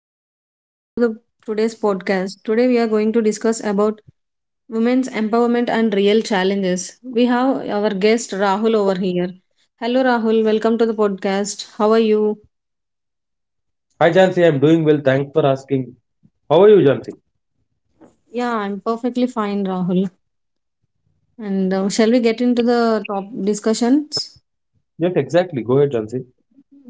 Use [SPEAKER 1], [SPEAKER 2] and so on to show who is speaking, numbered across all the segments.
[SPEAKER 1] everyone, welcome to the today's podcast. Today we are going to discuss about women's empowerment and real challenges. We have our guest Rahul over here. Hello Rahul, welcome to the podcast. How are you?
[SPEAKER 2] Hi Jansi, I'm doing well. Thanks for asking. How are you, Jansi?
[SPEAKER 1] Yeah, I'm perfectly fine, Rahul. And Shall we get into the top discussions?
[SPEAKER 2] Yes, exactly. Go ahead, Jansi.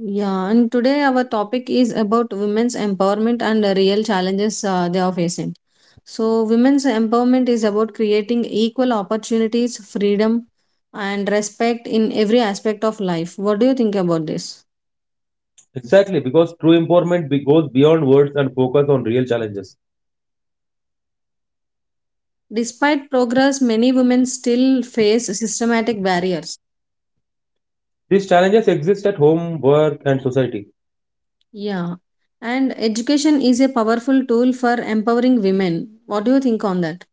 [SPEAKER 1] Yeah, and today our topic is about women's empowerment and the real challenges, they are facing. So, women's empowerment is about creating equal opportunities, freedom, and respect in every aspect of life. What do you think about this?
[SPEAKER 2] Exactly, because true empowerment goes beyond words and focus on real challenges.
[SPEAKER 1] Despite progress, many women still face systematic barriers.
[SPEAKER 2] These challenges exist at home, work, and society.
[SPEAKER 1] Yeah, and education is a powerful tool for empowering women. What do you think on that?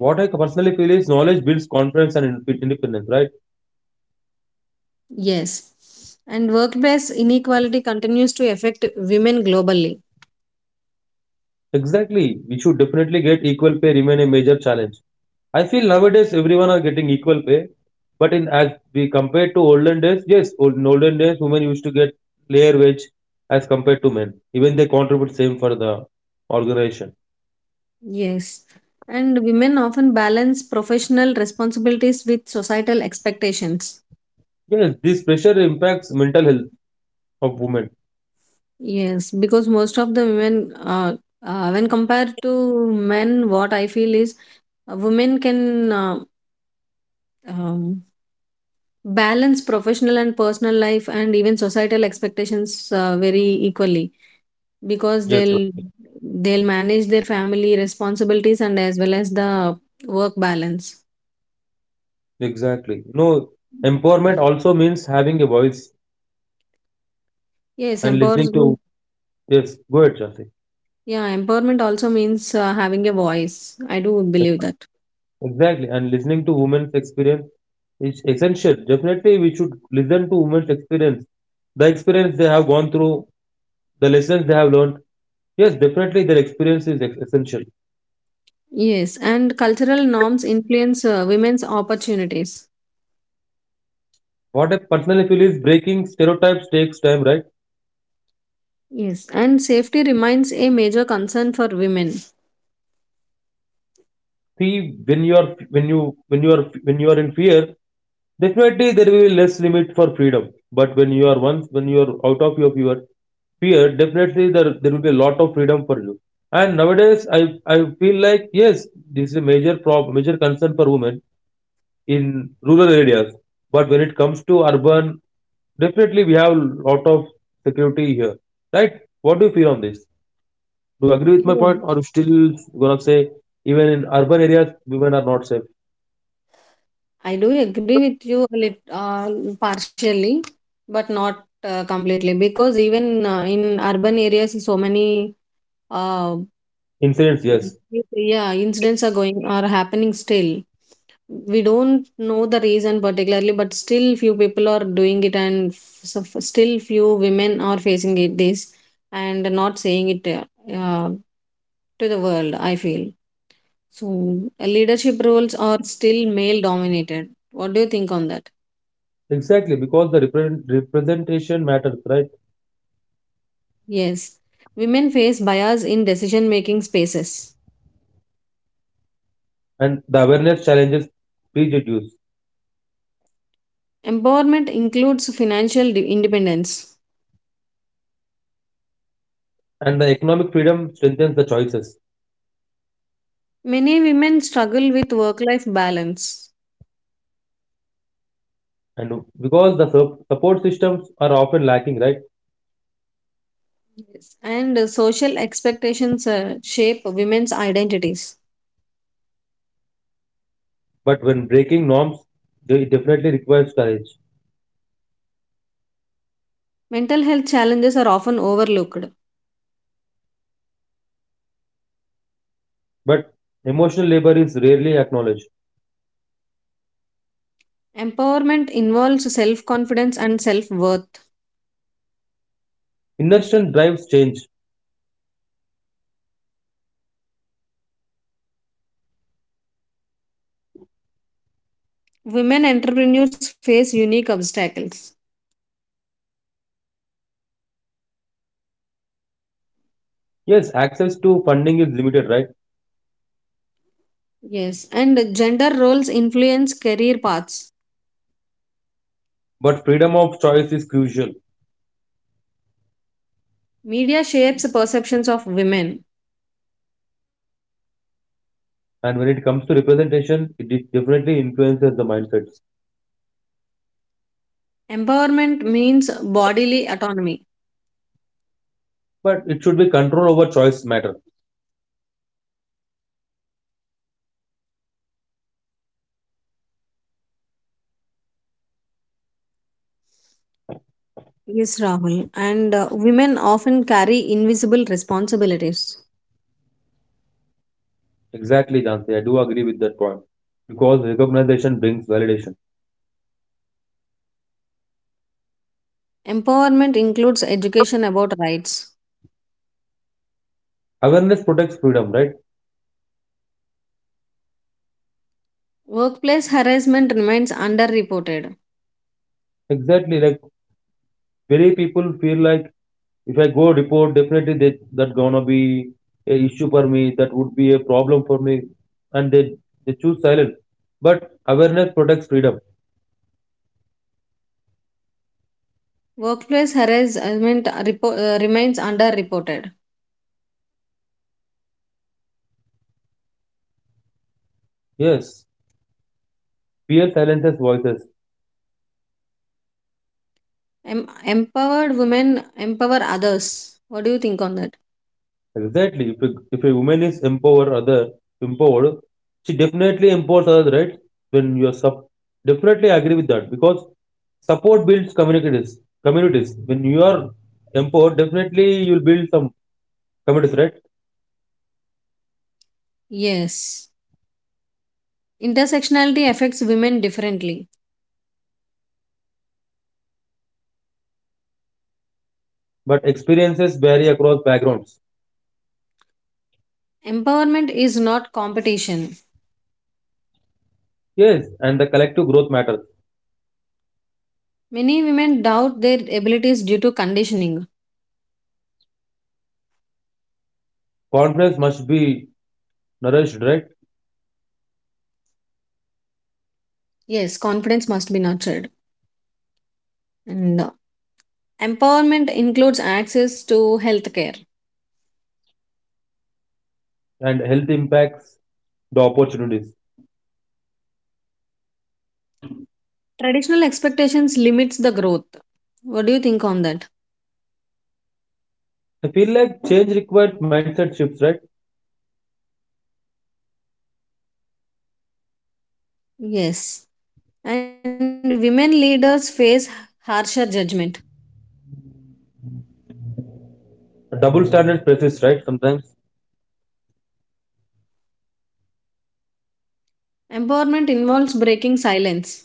[SPEAKER 2] What I personally feel is knowledge builds confidence and independence, right?
[SPEAKER 1] Yes. And workplace inequality continues to affect women globally.
[SPEAKER 2] Exactly. We should definitely get equal pay remain a major challenge. I feel nowadays everyone are getting equal pay, but in as we compare to olden days, yes, in olden days women used to get player wage as compared to men. Even they contribute same for the organization.
[SPEAKER 1] Yes. And women often balance professional responsibilities with societal expectations.
[SPEAKER 2] Yes, this pressure impacts mental health of women.
[SPEAKER 1] Yes. Because most of the women, when compared to men, what I feel is women can um, balance professional and personal life and even societal expectations very equally because
[SPEAKER 2] Yes, sir.
[SPEAKER 1] they'll manage their family responsibilities and as well as the work balance.
[SPEAKER 2] Exactly. No, empowerment also means having a voice
[SPEAKER 1] Yes,
[SPEAKER 2] and listening to.
[SPEAKER 1] empowerment.
[SPEAKER 2] Yes. Go ahead, Chanti.
[SPEAKER 1] Yeah, empowerment also means having a voice, I do believe that.
[SPEAKER 2] Exactly, and listening to women's experience is essential. Definitely, we should listen to women's experience, the experience they have gone through, the lessons they have learned. Yes, definitely their experience is essential.
[SPEAKER 1] Yes, and cultural norms influence women's opportunities.
[SPEAKER 2] What I personally feel is breaking stereotypes takes time, right?
[SPEAKER 1] Yes, and safety remains a major concern for women.
[SPEAKER 2] See, when you are in fear, definitely there will be less limit for freedom. But when you are out of your fear, definitely there will be a lot of freedom for you. And nowadays, I feel like yes, this is a major problem, major concern for women in rural areas. But when it comes to urban, definitely, we have a lot of security here, right? What do you feel on this? Do you agree with my
[SPEAKER 1] Yeah.
[SPEAKER 2] point, or you still gonna say even in urban areas women are not safe?
[SPEAKER 1] I do agree with you a partially, but not completely, because even in urban areas so many uh,
[SPEAKER 2] Incidents, yes,
[SPEAKER 1] okay. Yeah, incidents are going are happening still. We don't know the reason particularly, but still few people are doing it, and still few women are facing it this and not saying it uh, to the world, I feel so. Leadership roles are still male dominated. What do you think on that?
[SPEAKER 2] exactly, because the representation matters, right?
[SPEAKER 1] Yes, women face bias in decision making spaces.
[SPEAKER 2] And the awareness challenges prejudice,
[SPEAKER 1] Empowerment includes financial independence.
[SPEAKER 2] and the economic freedom strengthens the choices.
[SPEAKER 1] Many women struggle with work life balance.
[SPEAKER 2] And because the support systems are often lacking, right?
[SPEAKER 1] Yes. And social expectations shape women's identities.
[SPEAKER 2] But when breaking norms, it definitely requires courage.
[SPEAKER 1] Mental health challenges are often overlooked.
[SPEAKER 2] But emotional labor is rarely acknowledged.
[SPEAKER 1] Empowerment involves self confidence and self worth.
[SPEAKER 2] Inner strength drives change.
[SPEAKER 1] Women entrepreneurs face unique obstacles.
[SPEAKER 2] Yes, access to funding is limited, right?
[SPEAKER 1] Yes, and gender roles influence career paths.
[SPEAKER 2] But freedom of choice is crucial.
[SPEAKER 1] Media shapes perceptions of women.
[SPEAKER 2] And when it comes to representation, it definitely influences the mindsets.
[SPEAKER 1] Empowerment means bodily autonomy.
[SPEAKER 2] But it should be control over choice matter.
[SPEAKER 1] Yes, Rahul. And women often carry invisible responsibilities.
[SPEAKER 2] Exactly, Jansi. I do agree with that point. Because recognition brings validation.
[SPEAKER 1] Empowerment includes education about rights.
[SPEAKER 2] Awareness protects freedom, right?
[SPEAKER 1] Workplace harassment remains underreported.
[SPEAKER 2] Exactly. Like very people feel like if I go report, definitely they, that gonna be a issue for me. That would be a problem for me, and they choose silence. But awareness protects freedom.
[SPEAKER 1] Workplace harassment remains underreported.
[SPEAKER 2] Yes. Fear silences voices.
[SPEAKER 1] Empowered women empower others. What do you think on that?
[SPEAKER 2] Exactly. If a woman is empowered, other empowered, she definitely empowers others, right? Then you are sub. Definitely agree with that because support builds communities. Communities. When you are empowered, definitely you'll build some communities, right?
[SPEAKER 1] Yes. Intersectionality affects women differently.
[SPEAKER 2] But experiences vary across backgrounds.
[SPEAKER 1] Empowerment is not competition.
[SPEAKER 2] Yes, and the collective growth matters.
[SPEAKER 1] Many women doubt their abilities due to conditioning.
[SPEAKER 2] Confidence must be nourished, right?
[SPEAKER 1] Yes, confidence must be nurtured. And empowerment includes access to healthcare.
[SPEAKER 2] And health impacts the opportunities.
[SPEAKER 1] Traditional expectations limits the growth. What do you think on that?
[SPEAKER 2] I feel like change requires mindset shifts, right?
[SPEAKER 1] Yes. And women leaders face harsher judgment.
[SPEAKER 2] Double standard persists, right? Sometimes.
[SPEAKER 1] Empowerment involves breaking silence.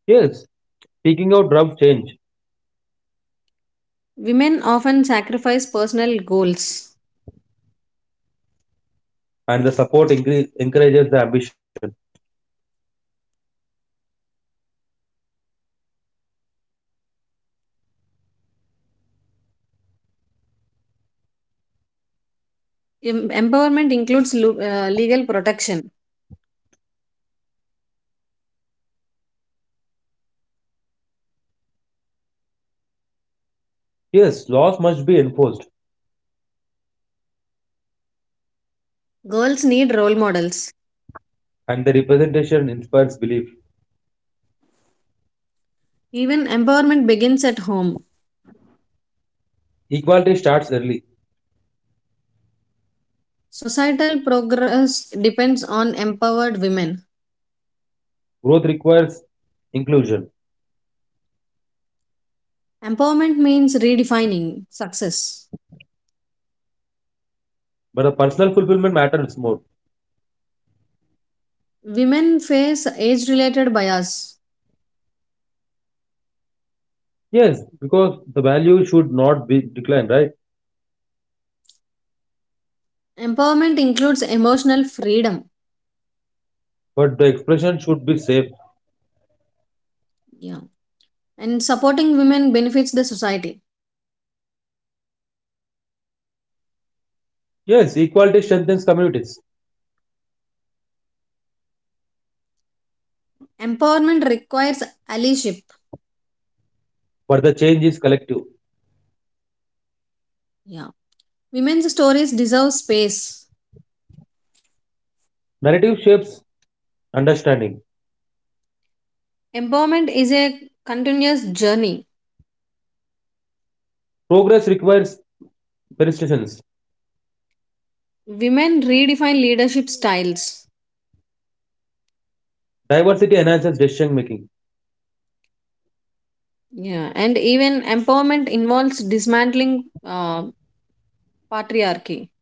[SPEAKER 2] Yes, speaking out drums change,
[SPEAKER 1] Women often sacrifice personal goals.
[SPEAKER 2] and the support encourages the ambition.
[SPEAKER 1] Empowerment includes legal protection.
[SPEAKER 2] Yes, laws must be enforced,
[SPEAKER 1] Girls need role models.
[SPEAKER 2] and the representation inspires belief.
[SPEAKER 1] Even empowerment begins at home.
[SPEAKER 2] Equality starts early.
[SPEAKER 1] Societal progress depends on empowered women.
[SPEAKER 2] Growth requires inclusion,
[SPEAKER 1] Empowerment means redefining success.
[SPEAKER 2] but the personal fulfillment matters more.
[SPEAKER 1] Women face age related bias.
[SPEAKER 2] Yes, because the value should not be declined, right?
[SPEAKER 1] Empowerment includes emotional freedom.
[SPEAKER 2] But the expression should be safe.
[SPEAKER 1] Yeah. And supporting women benefits the society.
[SPEAKER 2] Yes, equality strengthens communities,
[SPEAKER 1] Empowerment requires allyship.
[SPEAKER 2] but the change is collective.
[SPEAKER 1] Yeah. Women's stories deserve space.
[SPEAKER 2] Narrative shapes understanding.
[SPEAKER 1] Empowerment is a continuous journey.
[SPEAKER 2] Progress requires persistence.
[SPEAKER 1] Women redefine leadership styles.
[SPEAKER 2] Diversity enhances decision making.
[SPEAKER 1] Yeah. And even empowerment involves dismantling patriarchy.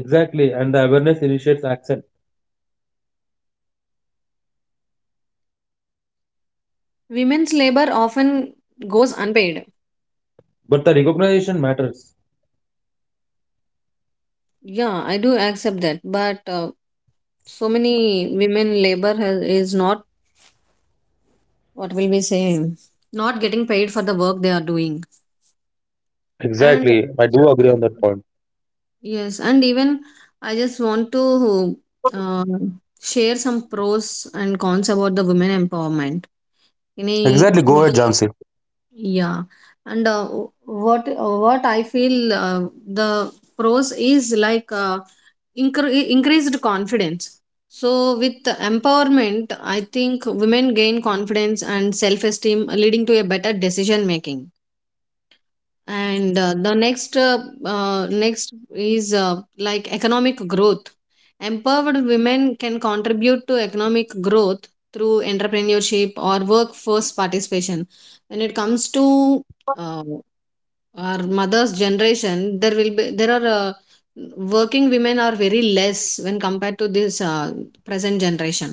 [SPEAKER 2] Exactly, and the awareness initiates action.
[SPEAKER 1] Women's labor often goes unpaid.
[SPEAKER 2] But the recognition matters.
[SPEAKER 1] Yeah, I do accept that. But so many women labor has, is not, what will we say, not getting paid for the work they are doing. And
[SPEAKER 2] Exactly. I do agree on that point.
[SPEAKER 1] yes, and even I just want to uh, share some pros and cons about the women empowerment, any.
[SPEAKER 2] Exactly, go ahead, Jansi.
[SPEAKER 1] Yeah, and what I feel, the pros is like, uh, increased confidence. So with the empowerment, I think women gain confidence and self esteem, leading to a better decision making. And the next is like economic growth. Empowered women can contribute to economic growth through entrepreneurship or workforce participation. When it comes to uh, our mothers generation, there will be there are working women are very less when compared to this present generation.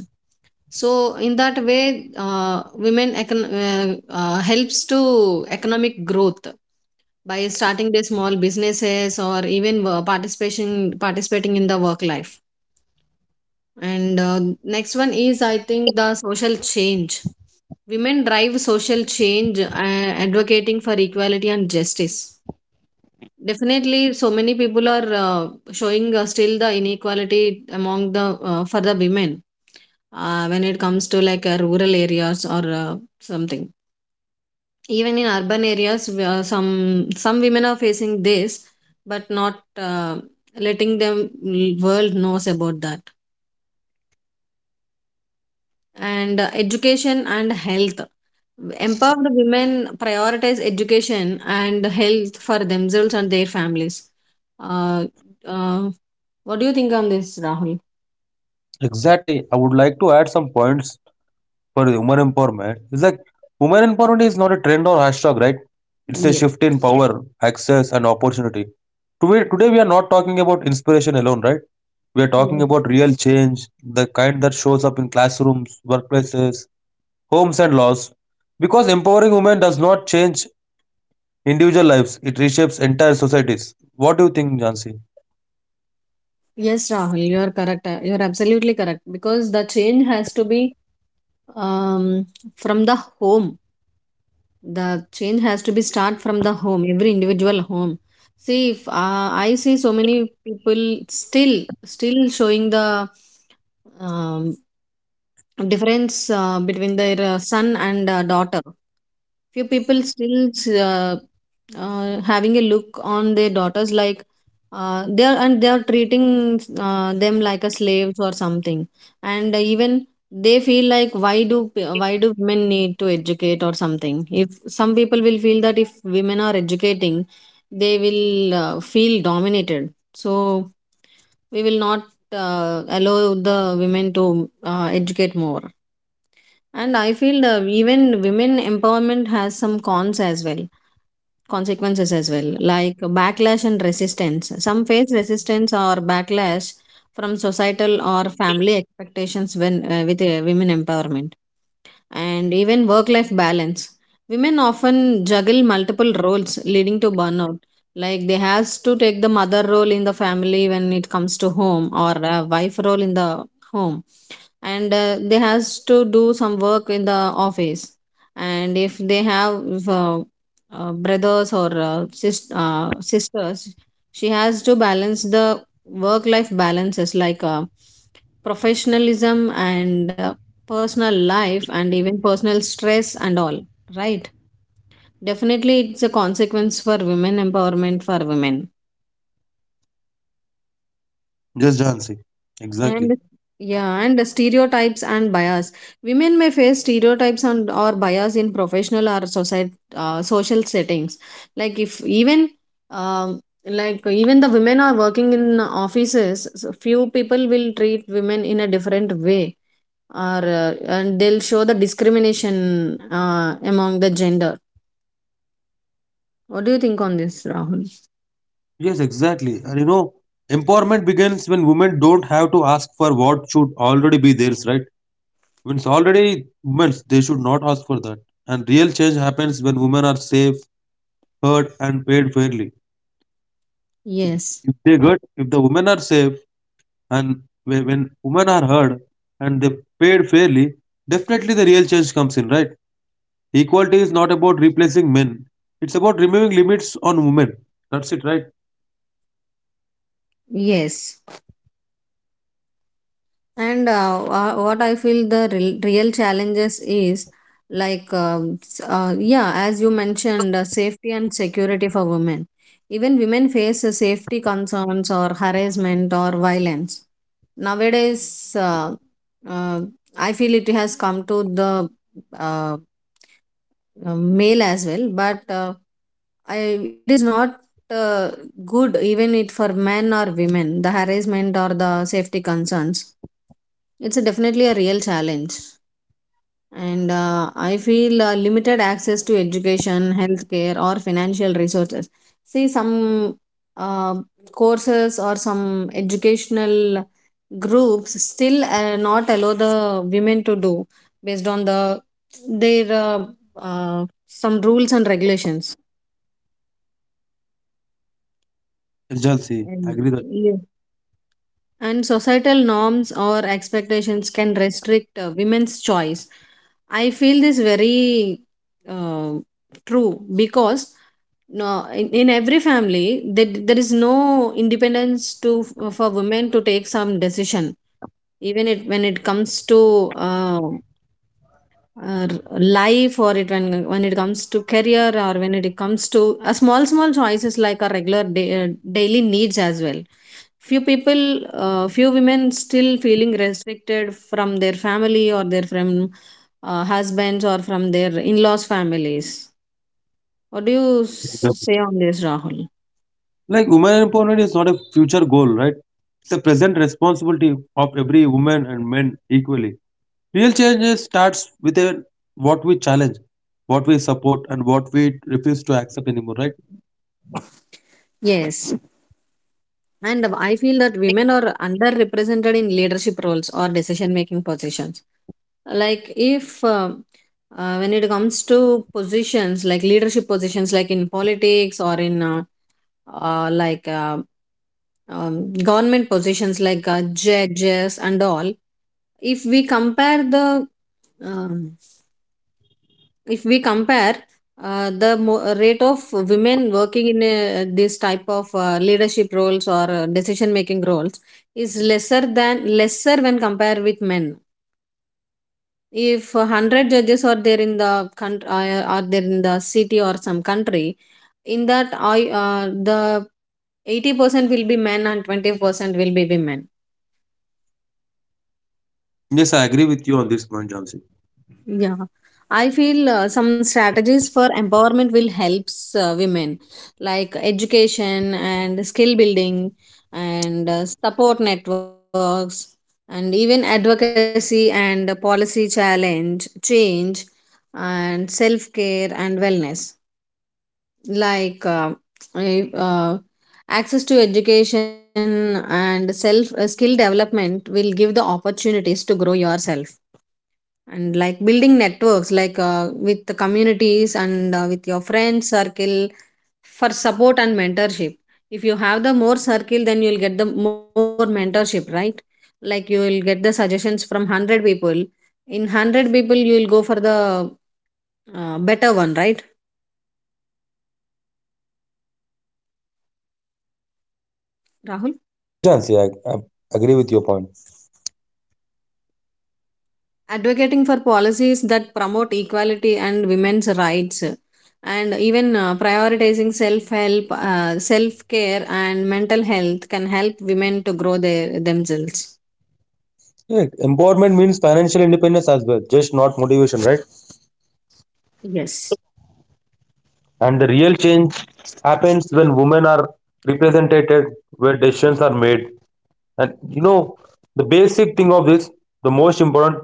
[SPEAKER 1] So in that way, women helps to economic growth by starting their small businesses or even participation participating in the work life. And next one is I think the social change. Women drive social change, advocating for equality and justice. Definitely so many people are showing still the inequality among the for the women, when it comes to like rural areas or something. Even in urban areas we are, some women are facing this, but not letting them world knows about that. And education and health, empowered women prioritize education and health for themselves and their families. uh, uh, what do you think on this, Rahul?
[SPEAKER 2] Exactly, I would like to add some points for the women empowerment. It's like women empowerment is not a trend or hashtag, right? It's a
[SPEAKER 1] Yes,
[SPEAKER 2] shift in power, access, and opportunity. Today we are not talking about inspiration alone, right? We are talking
[SPEAKER 1] yes
[SPEAKER 2] about real change, the kind that shows up in classrooms, workplaces, homes, and laws. Because empowering women does not change individual lives, it reshapes entire societies. What do you think, Jansi?
[SPEAKER 1] yes Rahul, you are correct. You are absolutely correct because the change has to be, um, from the home. The change has to be start from the home, every individual home. See, if I see so many people still showing the um, difference between their son and daughter. Few people still uh, having a look on their daughters like they are, and they are treating them like a slaves or something, and even they feel like, why do women need to educate or something? If some people will feel that if women are educating, they will feel dominated. So we will not allow the women to educate more. And I feel the even women empowerment has some cons as well, consequences as well, like backlash and resistance. Some face resistance or backlash from societal or family expectations when with women empowerment. And even work life balance. Women often juggle multiple roles, leading to burnout. Like they has to take the mother role in the family when it comes to home, or a wife role in the home, and they has to do some work in the office. And if they have brothers or sisters, she has to balance the work life balances like professionalism and personal life and even personal stress and all, right? Definitely it's a consequence for women empowerment, for women.
[SPEAKER 2] Yes, Jansi. Exactly.
[SPEAKER 1] And yeah, and the stereotypes and bias, women may face stereotypes and or bias in professional or society, social settings. Like if even, um, like even the women are working in offices, so few people will treat women in a different way or and they'll show the discrimination among the gender. What do you think on this, Rahul?
[SPEAKER 2] Yes, exactly. And you know, empowerment begins when women don't have to ask for what should already be theirs, right? When it's already women's, they should not ask for that. And real change happens when women are safe, heard, and paid fairly.
[SPEAKER 1] Yes,
[SPEAKER 2] If they get, if the women are safe and when women are heard and they paid fairly, definitely the real change comes in, right? Equality is not about replacing men. It's about removing limits on women. That's it, right?
[SPEAKER 1] yes. And what I feel the real, real challenges is like, yeah, as you mentioned, safety and security for women. Even women face safety concerns or harassment or violence. Nowadays, uh, I feel it has come to the uh, male as well, but I, it is not uh, good, even it for men or women, the harassment or the safety concerns, it's a definitely a real challenge. And I feel limited access to education, healthcare or financial resources. See, some uh, courses or some educational groups still not allow the women to do based on the their some rules and regulations.
[SPEAKER 2] Agency. I
[SPEAKER 1] And
[SPEAKER 2] agree that.
[SPEAKER 1] yeah. And societal norms or expectations can restrict women's choice. I feel this very uh, true because no, in every family there, there is no independence to for women to take some decision, even it when it comes to uh, life, or it when it comes to career, or when it comes to a small small choices like our regular day, daily needs as well. Few people, few women still feeling restricted from their family or their from husbands or from their in-laws families. What do you say on this, Rahul?
[SPEAKER 2] Like women empowerment is not a future goal, right? It's a present responsibility of every woman and men equally. Real change starts with a, what we challenge, what we support, and what we refuse to accept anymore, right?
[SPEAKER 1] Yes. And I feel that women are underrepresented in leadership roles or decision making positions. Like, if when it comes to positions like leadership positions, like in politics or in uh, like uh, government positions, like judges and all. If we compare the um if we compare the rate of women working in this type of leadership roles or decision making roles is lesser than lesser when compared with men. If 100 judges are there in the country, are there in the city or some country, in that I the 80% will be men and 20% will be women.
[SPEAKER 2] Yes, I agree with you on this point, Jansi.
[SPEAKER 1] Yeah, I feel some strategies for empowerment will helps women, like education and skill building, and support networks, and even advocacy and policy challenge change, and self care and wellness. like uh, I- uh, Access to education and self, skill development will give the opportunities to grow yourself, and like building networks like with the communities and with your friends circle for support and mentorship. If you have the more circle, then you'll get the more mentorship, right? Like you will get the suggestions from 100 people. In 100 people you will go for the better one, right, Rahul?
[SPEAKER 2] Yes, Jansi, I agree with your point.
[SPEAKER 1] Advocating for policies that promote equality and women's rights, and even prioritizing self help, self care and mental health can help women to grow their themselves.
[SPEAKER 2] Yeah, empowerment means financial independence as well, just not motivation, right?
[SPEAKER 1] Yes.
[SPEAKER 2] And the real change happens when women are represented, where decisions are made. And you know, the basic thing of this, the most important,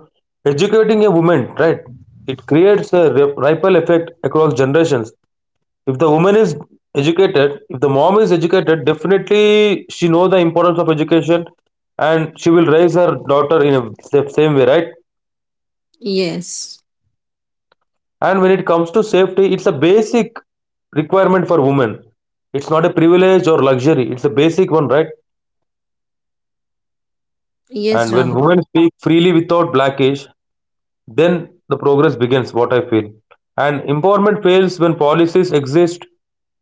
[SPEAKER 2] educating a woman, right? It creates a ripple effect across generations. If the woman is educated, if the mom is educated, definitely she knows the importance of education and she will raise her daughter in a same way, right?
[SPEAKER 1] Yes,
[SPEAKER 2] And when it comes to safety, it's a basic requirement for women. It's not a privilege or luxury. It's a basic one, right? And
[SPEAKER 1] yes,
[SPEAKER 2] when women
[SPEAKER 1] Rahul.
[SPEAKER 2] speak freely without blackage, then the progress begins, what I feel. And empowerment fails when policies exist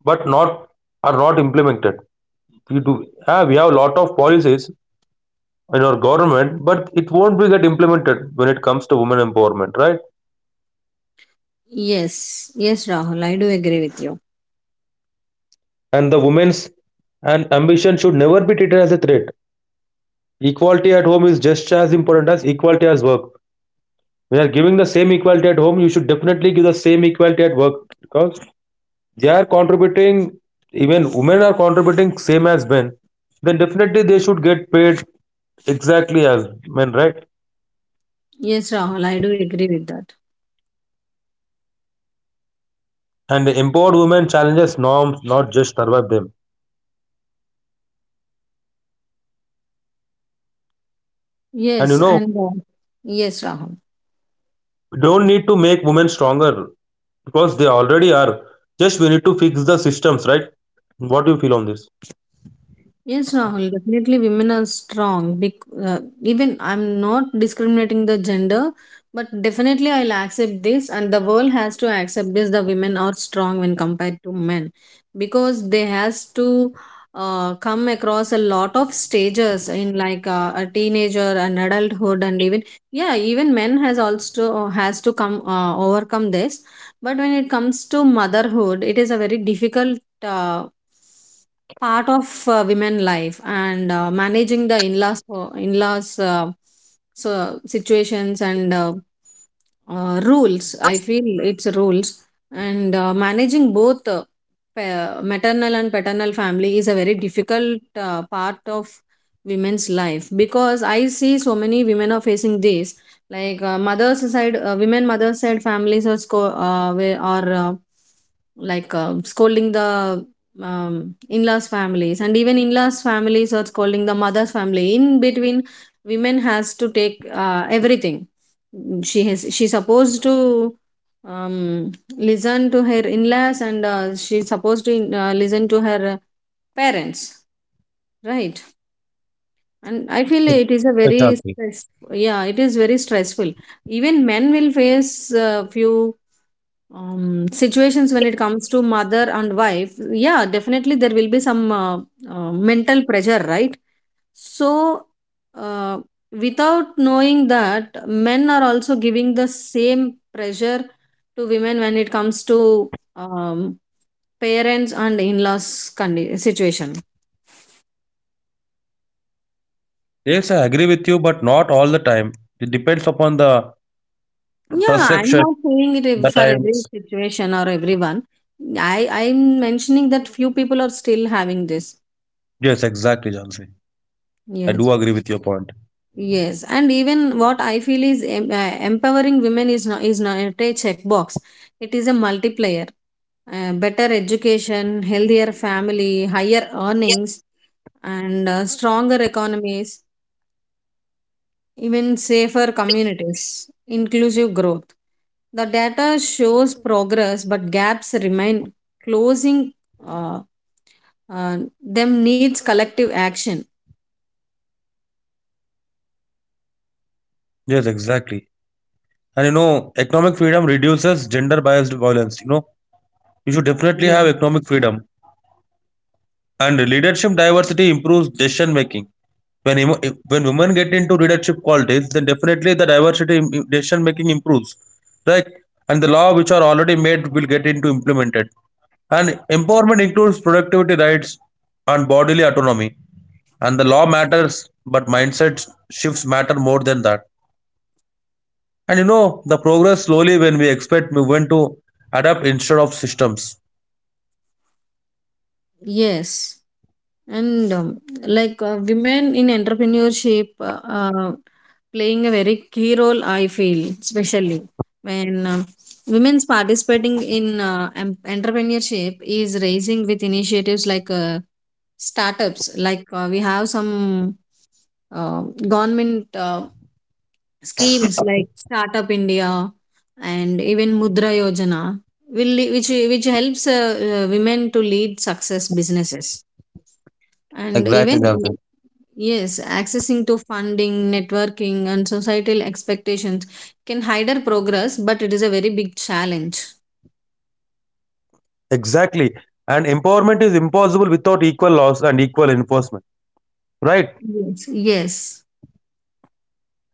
[SPEAKER 2] but not are not implemented. We do yeah, we have a lot of policies in our government, but it won't be get implemented when it comes to women empowerment, right?
[SPEAKER 1] Yes, yes, Rahul, I do agree with you.
[SPEAKER 2] And the women's and ambition should never be treated as a threat. Equality at home is just as important as equality as work. When you are giving the same equality at home, you should definitely give the same equality at work because they are contributing. Even women are contributing same as men. Then definitely they should get paid exactly as men, right?
[SPEAKER 1] Yes, Rahul, I do agree with that.
[SPEAKER 2] And the empowered women challenges norms, not just survive them. And you
[SPEAKER 1] Yes.
[SPEAKER 2] know,
[SPEAKER 1] And yes, Rahul.
[SPEAKER 2] we don't need to make women stronger because they already are. Just we need to fix the systems, right? What do you feel on this?
[SPEAKER 1] Yes, Rahul, definitely women are strong. Even I'm not discriminating the gender, but definitely I'll accept this, and the world has to accept this. The women are strong when compared to men, because they has to come across a lot of stages in, like a teenager and adulthood, and even yeah, even men has also has to come overcome this. But when it comes to motherhood, it is a very difficult. Part of women life, and managing the in-laws so situations, and rules, I feel it's rules, and managing both, maternal and paternal family is a very difficult part of women's life, because I see so many women are facing this. Like mother's side women mother's side families are sco- where are like scolding the in-laws families, and even in-laws families are calling the mother's family. In between, women has to take everything. She has, she's supposed to um, listen to her in-laws, and she's supposed to listen to her parents, right? And I feel it is a very
[SPEAKER 2] Exactly.
[SPEAKER 1] stress. Yeah, it is very stressful. Even men will face few situations when it comes to mother and wife. Yeah, definitely there will be some mental pressure, right? So, uh, without knowing that, men are also giving the same pressure to women when it comes to um, parents and in-laws situation.
[SPEAKER 2] Yes, I agree with you, but not all the time. It depends upon the
[SPEAKER 1] Yeah, I'm
[SPEAKER 2] perception,
[SPEAKER 1] not saying it
[SPEAKER 2] the
[SPEAKER 1] ev- for every
[SPEAKER 2] times.
[SPEAKER 1] situation or everyone. I'm mentioning that few people are still having this.
[SPEAKER 2] Yes, exactly, Jansi. I
[SPEAKER 1] Yes.
[SPEAKER 2] do agree with your point.
[SPEAKER 1] Yes, and even what I feel is empowering women is not a checkbox. It is a multiplier. Better education, healthier family, higher earnings, and stronger economies, even safer communities, inclusive growth. The data shows progress, but gaps remain. Closing uh, uh, them needs collective action.
[SPEAKER 2] Yes, exactly. And you know, economic freedom reduces gender biased violence. You know, you should definitely
[SPEAKER 1] Yes.
[SPEAKER 2] have economic freedom. And leadership diversity improves decision making. When, emo- when women get into leadership qualities, then definitely the diversity in decision making improves, right? And the law which are already made will get into implemented. And empowerment includes productivity rights and bodily autonomy. And the law matters, but mindset shifts matter more than that. And you know, the progress slowly when we expect movement to adapt instead of systems.
[SPEAKER 1] Yes. And women in entrepreneurship playing a very key role, I feel, especially when women's participating in entrepreneurship is raising, with initiatives like startups. Like we have some uh, government schemes like Startup India and even Mudra Yojana will which helps women to lead success businesses, and
[SPEAKER 2] Exactly, Jansi.
[SPEAKER 1] even yes, accessing to funding, networking and societal expectations can hide our progress, but it is a very big challenge.
[SPEAKER 2] Exactly. And empowerment is impossible without equal laws and equal enforcement. Right?
[SPEAKER 1] Yes, yes.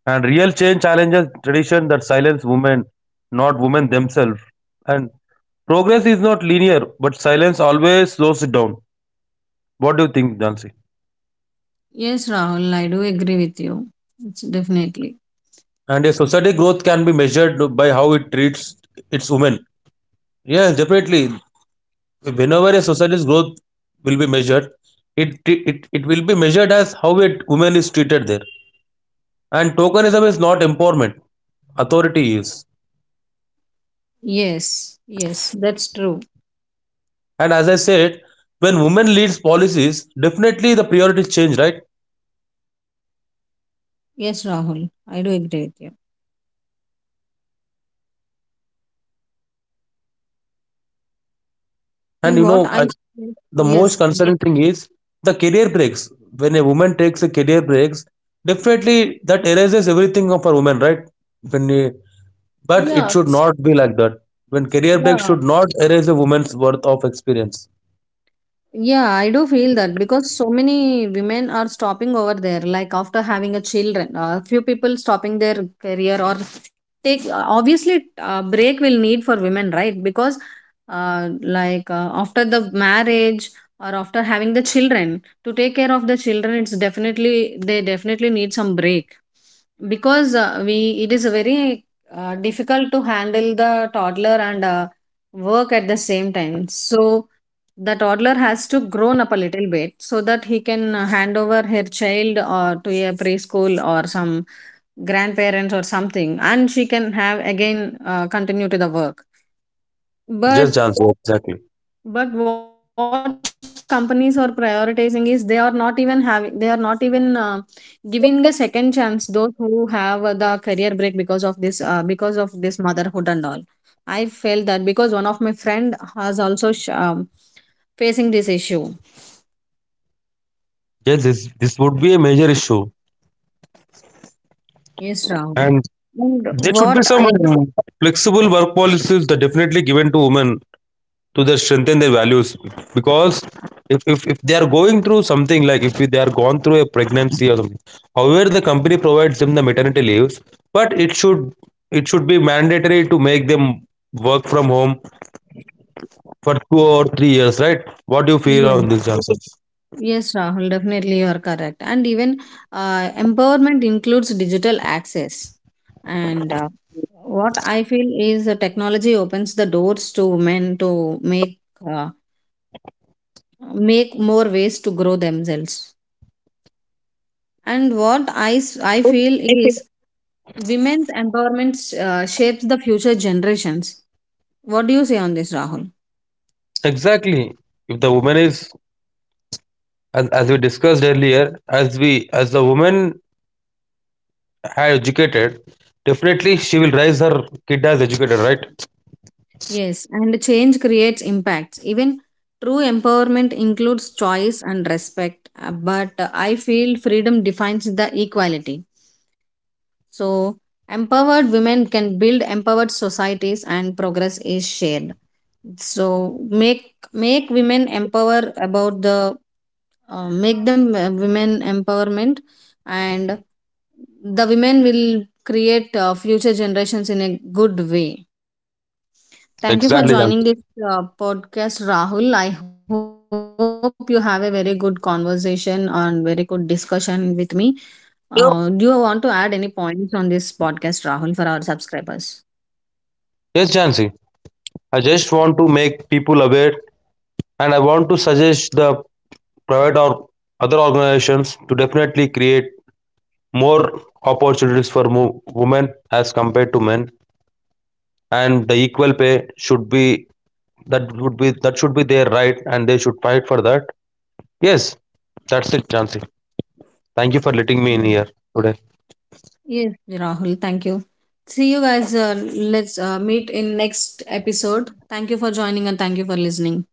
[SPEAKER 2] And real change challenges tradition that silence women, not women themselves. And progress is not linear, but silence always slows it down. What do you think, Jansi?
[SPEAKER 1] Yes, Rahul, I do agree with you. It's definitely
[SPEAKER 2] And a society growth can be measured by how it treats its women. Yes, definitely. Whenever a society's growth will be measured, it will be measured as how a woman is treated there. And tokenism is not empowerment, authority is.
[SPEAKER 1] yes. Yes, that's true.
[SPEAKER 2] And as I said, when women leads policies, definitely the priorities change, right?
[SPEAKER 1] Yes, Rahul, I do agree with you. And
[SPEAKER 2] And you
[SPEAKER 1] what I,
[SPEAKER 2] know, the most
[SPEAKER 1] yes.
[SPEAKER 2] concerning thing is the career breaks. When a woman takes a career breaks, definitely that erases everything of a woman, right? When but it
[SPEAKER 1] Yeah.
[SPEAKER 2] should not be like that. When career break
[SPEAKER 1] Yeah.
[SPEAKER 2] should not erase a woman's worth of experience.
[SPEAKER 1] Yeah, I do feel that, because so many women are stopping over there, like after having a children, a few people stopping their career. Or take obviously a break will need for women, right? Because like after the marriage or after having the children, to take care of the children, it's definitely, they definitely need some break, because we it is very difficult to handle the toddler and work at the same time. So the toddler has to grown up a little bit, so that he can hand over her child or to a preschool or some grandparents or something, and she can have again, continue to the work.
[SPEAKER 2] Just
[SPEAKER 1] but
[SPEAKER 2] chance. Exactly.
[SPEAKER 1] but what companies are prioritizing is, they are not even giving a second chance, those who have the career break because of this motherhood and all. I felt that because one of my friend has also facing this issue.
[SPEAKER 2] Yes, this would be a major issue.
[SPEAKER 1] Yes, Rahul.
[SPEAKER 2] And
[SPEAKER 1] And
[SPEAKER 2] there should be
[SPEAKER 1] what
[SPEAKER 2] some
[SPEAKER 1] I,
[SPEAKER 2] flexible work policies that definitely given to women to their strengthen their values because if they are going through something, like if they are gone through a pregnancy or something, however the company provides them the maternity leaves, but it should be mandatory to make them work from home for 2 or 3 years, right? What do you feel on
[SPEAKER 1] yes.
[SPEAKER 2] this job?
[SPEAKER 1] Yes, Rahul, definitely you are correct. And even empowerment includes digital access. And what I feel is, the technology opens the doors to men to make uh, make more ways to grow themselves. And I feel is, women's empowerment shapes the future generations. What do you say on this, Rahul?
[SPEAKER 2] Exactly, if the woman is, as we discussed earlier, as we, as the woman had educated, definitely she will raise her kid as educated, right?
[SPEAKER 1] Yes, and change creates impacts. Even true empowerment includes choice and respect, but I feel freedom defines the equality. So, empowered women can build empowered societies, and progress is shared. So, make, make women empower about the make them, women empowerment, and the women will create future generations in a good way. Thank you for
[SPEAKER 2] Exactly,
[SPEAKER 1] joining
[SPEAKER 2] Jansi.
[SPEAKER 1] this podcast, Rahul. I hope you have a very good conversation and very good discussion with me. Do you want to
[SPEAKER 2] You.
[SPEAKER 1] add any points on this podcast, Rahul, for our subscribers?
[SPEAKER 2] Yes, Jansi. I just want to make people aware and I want to suggest the private or other organizations to definitely create more opportunities for women as compared to men, and the equal pay should be, that would be, that should be their right and they should fight for that. Yes, that's it, Jansi. Thank you for letting me in
[SPEAKER 1] Yeah.
[SPEAKER 2] here today.
[SPEAKER 1] Yes, Rahul. Thank you. See you guys. Let's meet in next episode. Thank you for joining, and thank you for listening.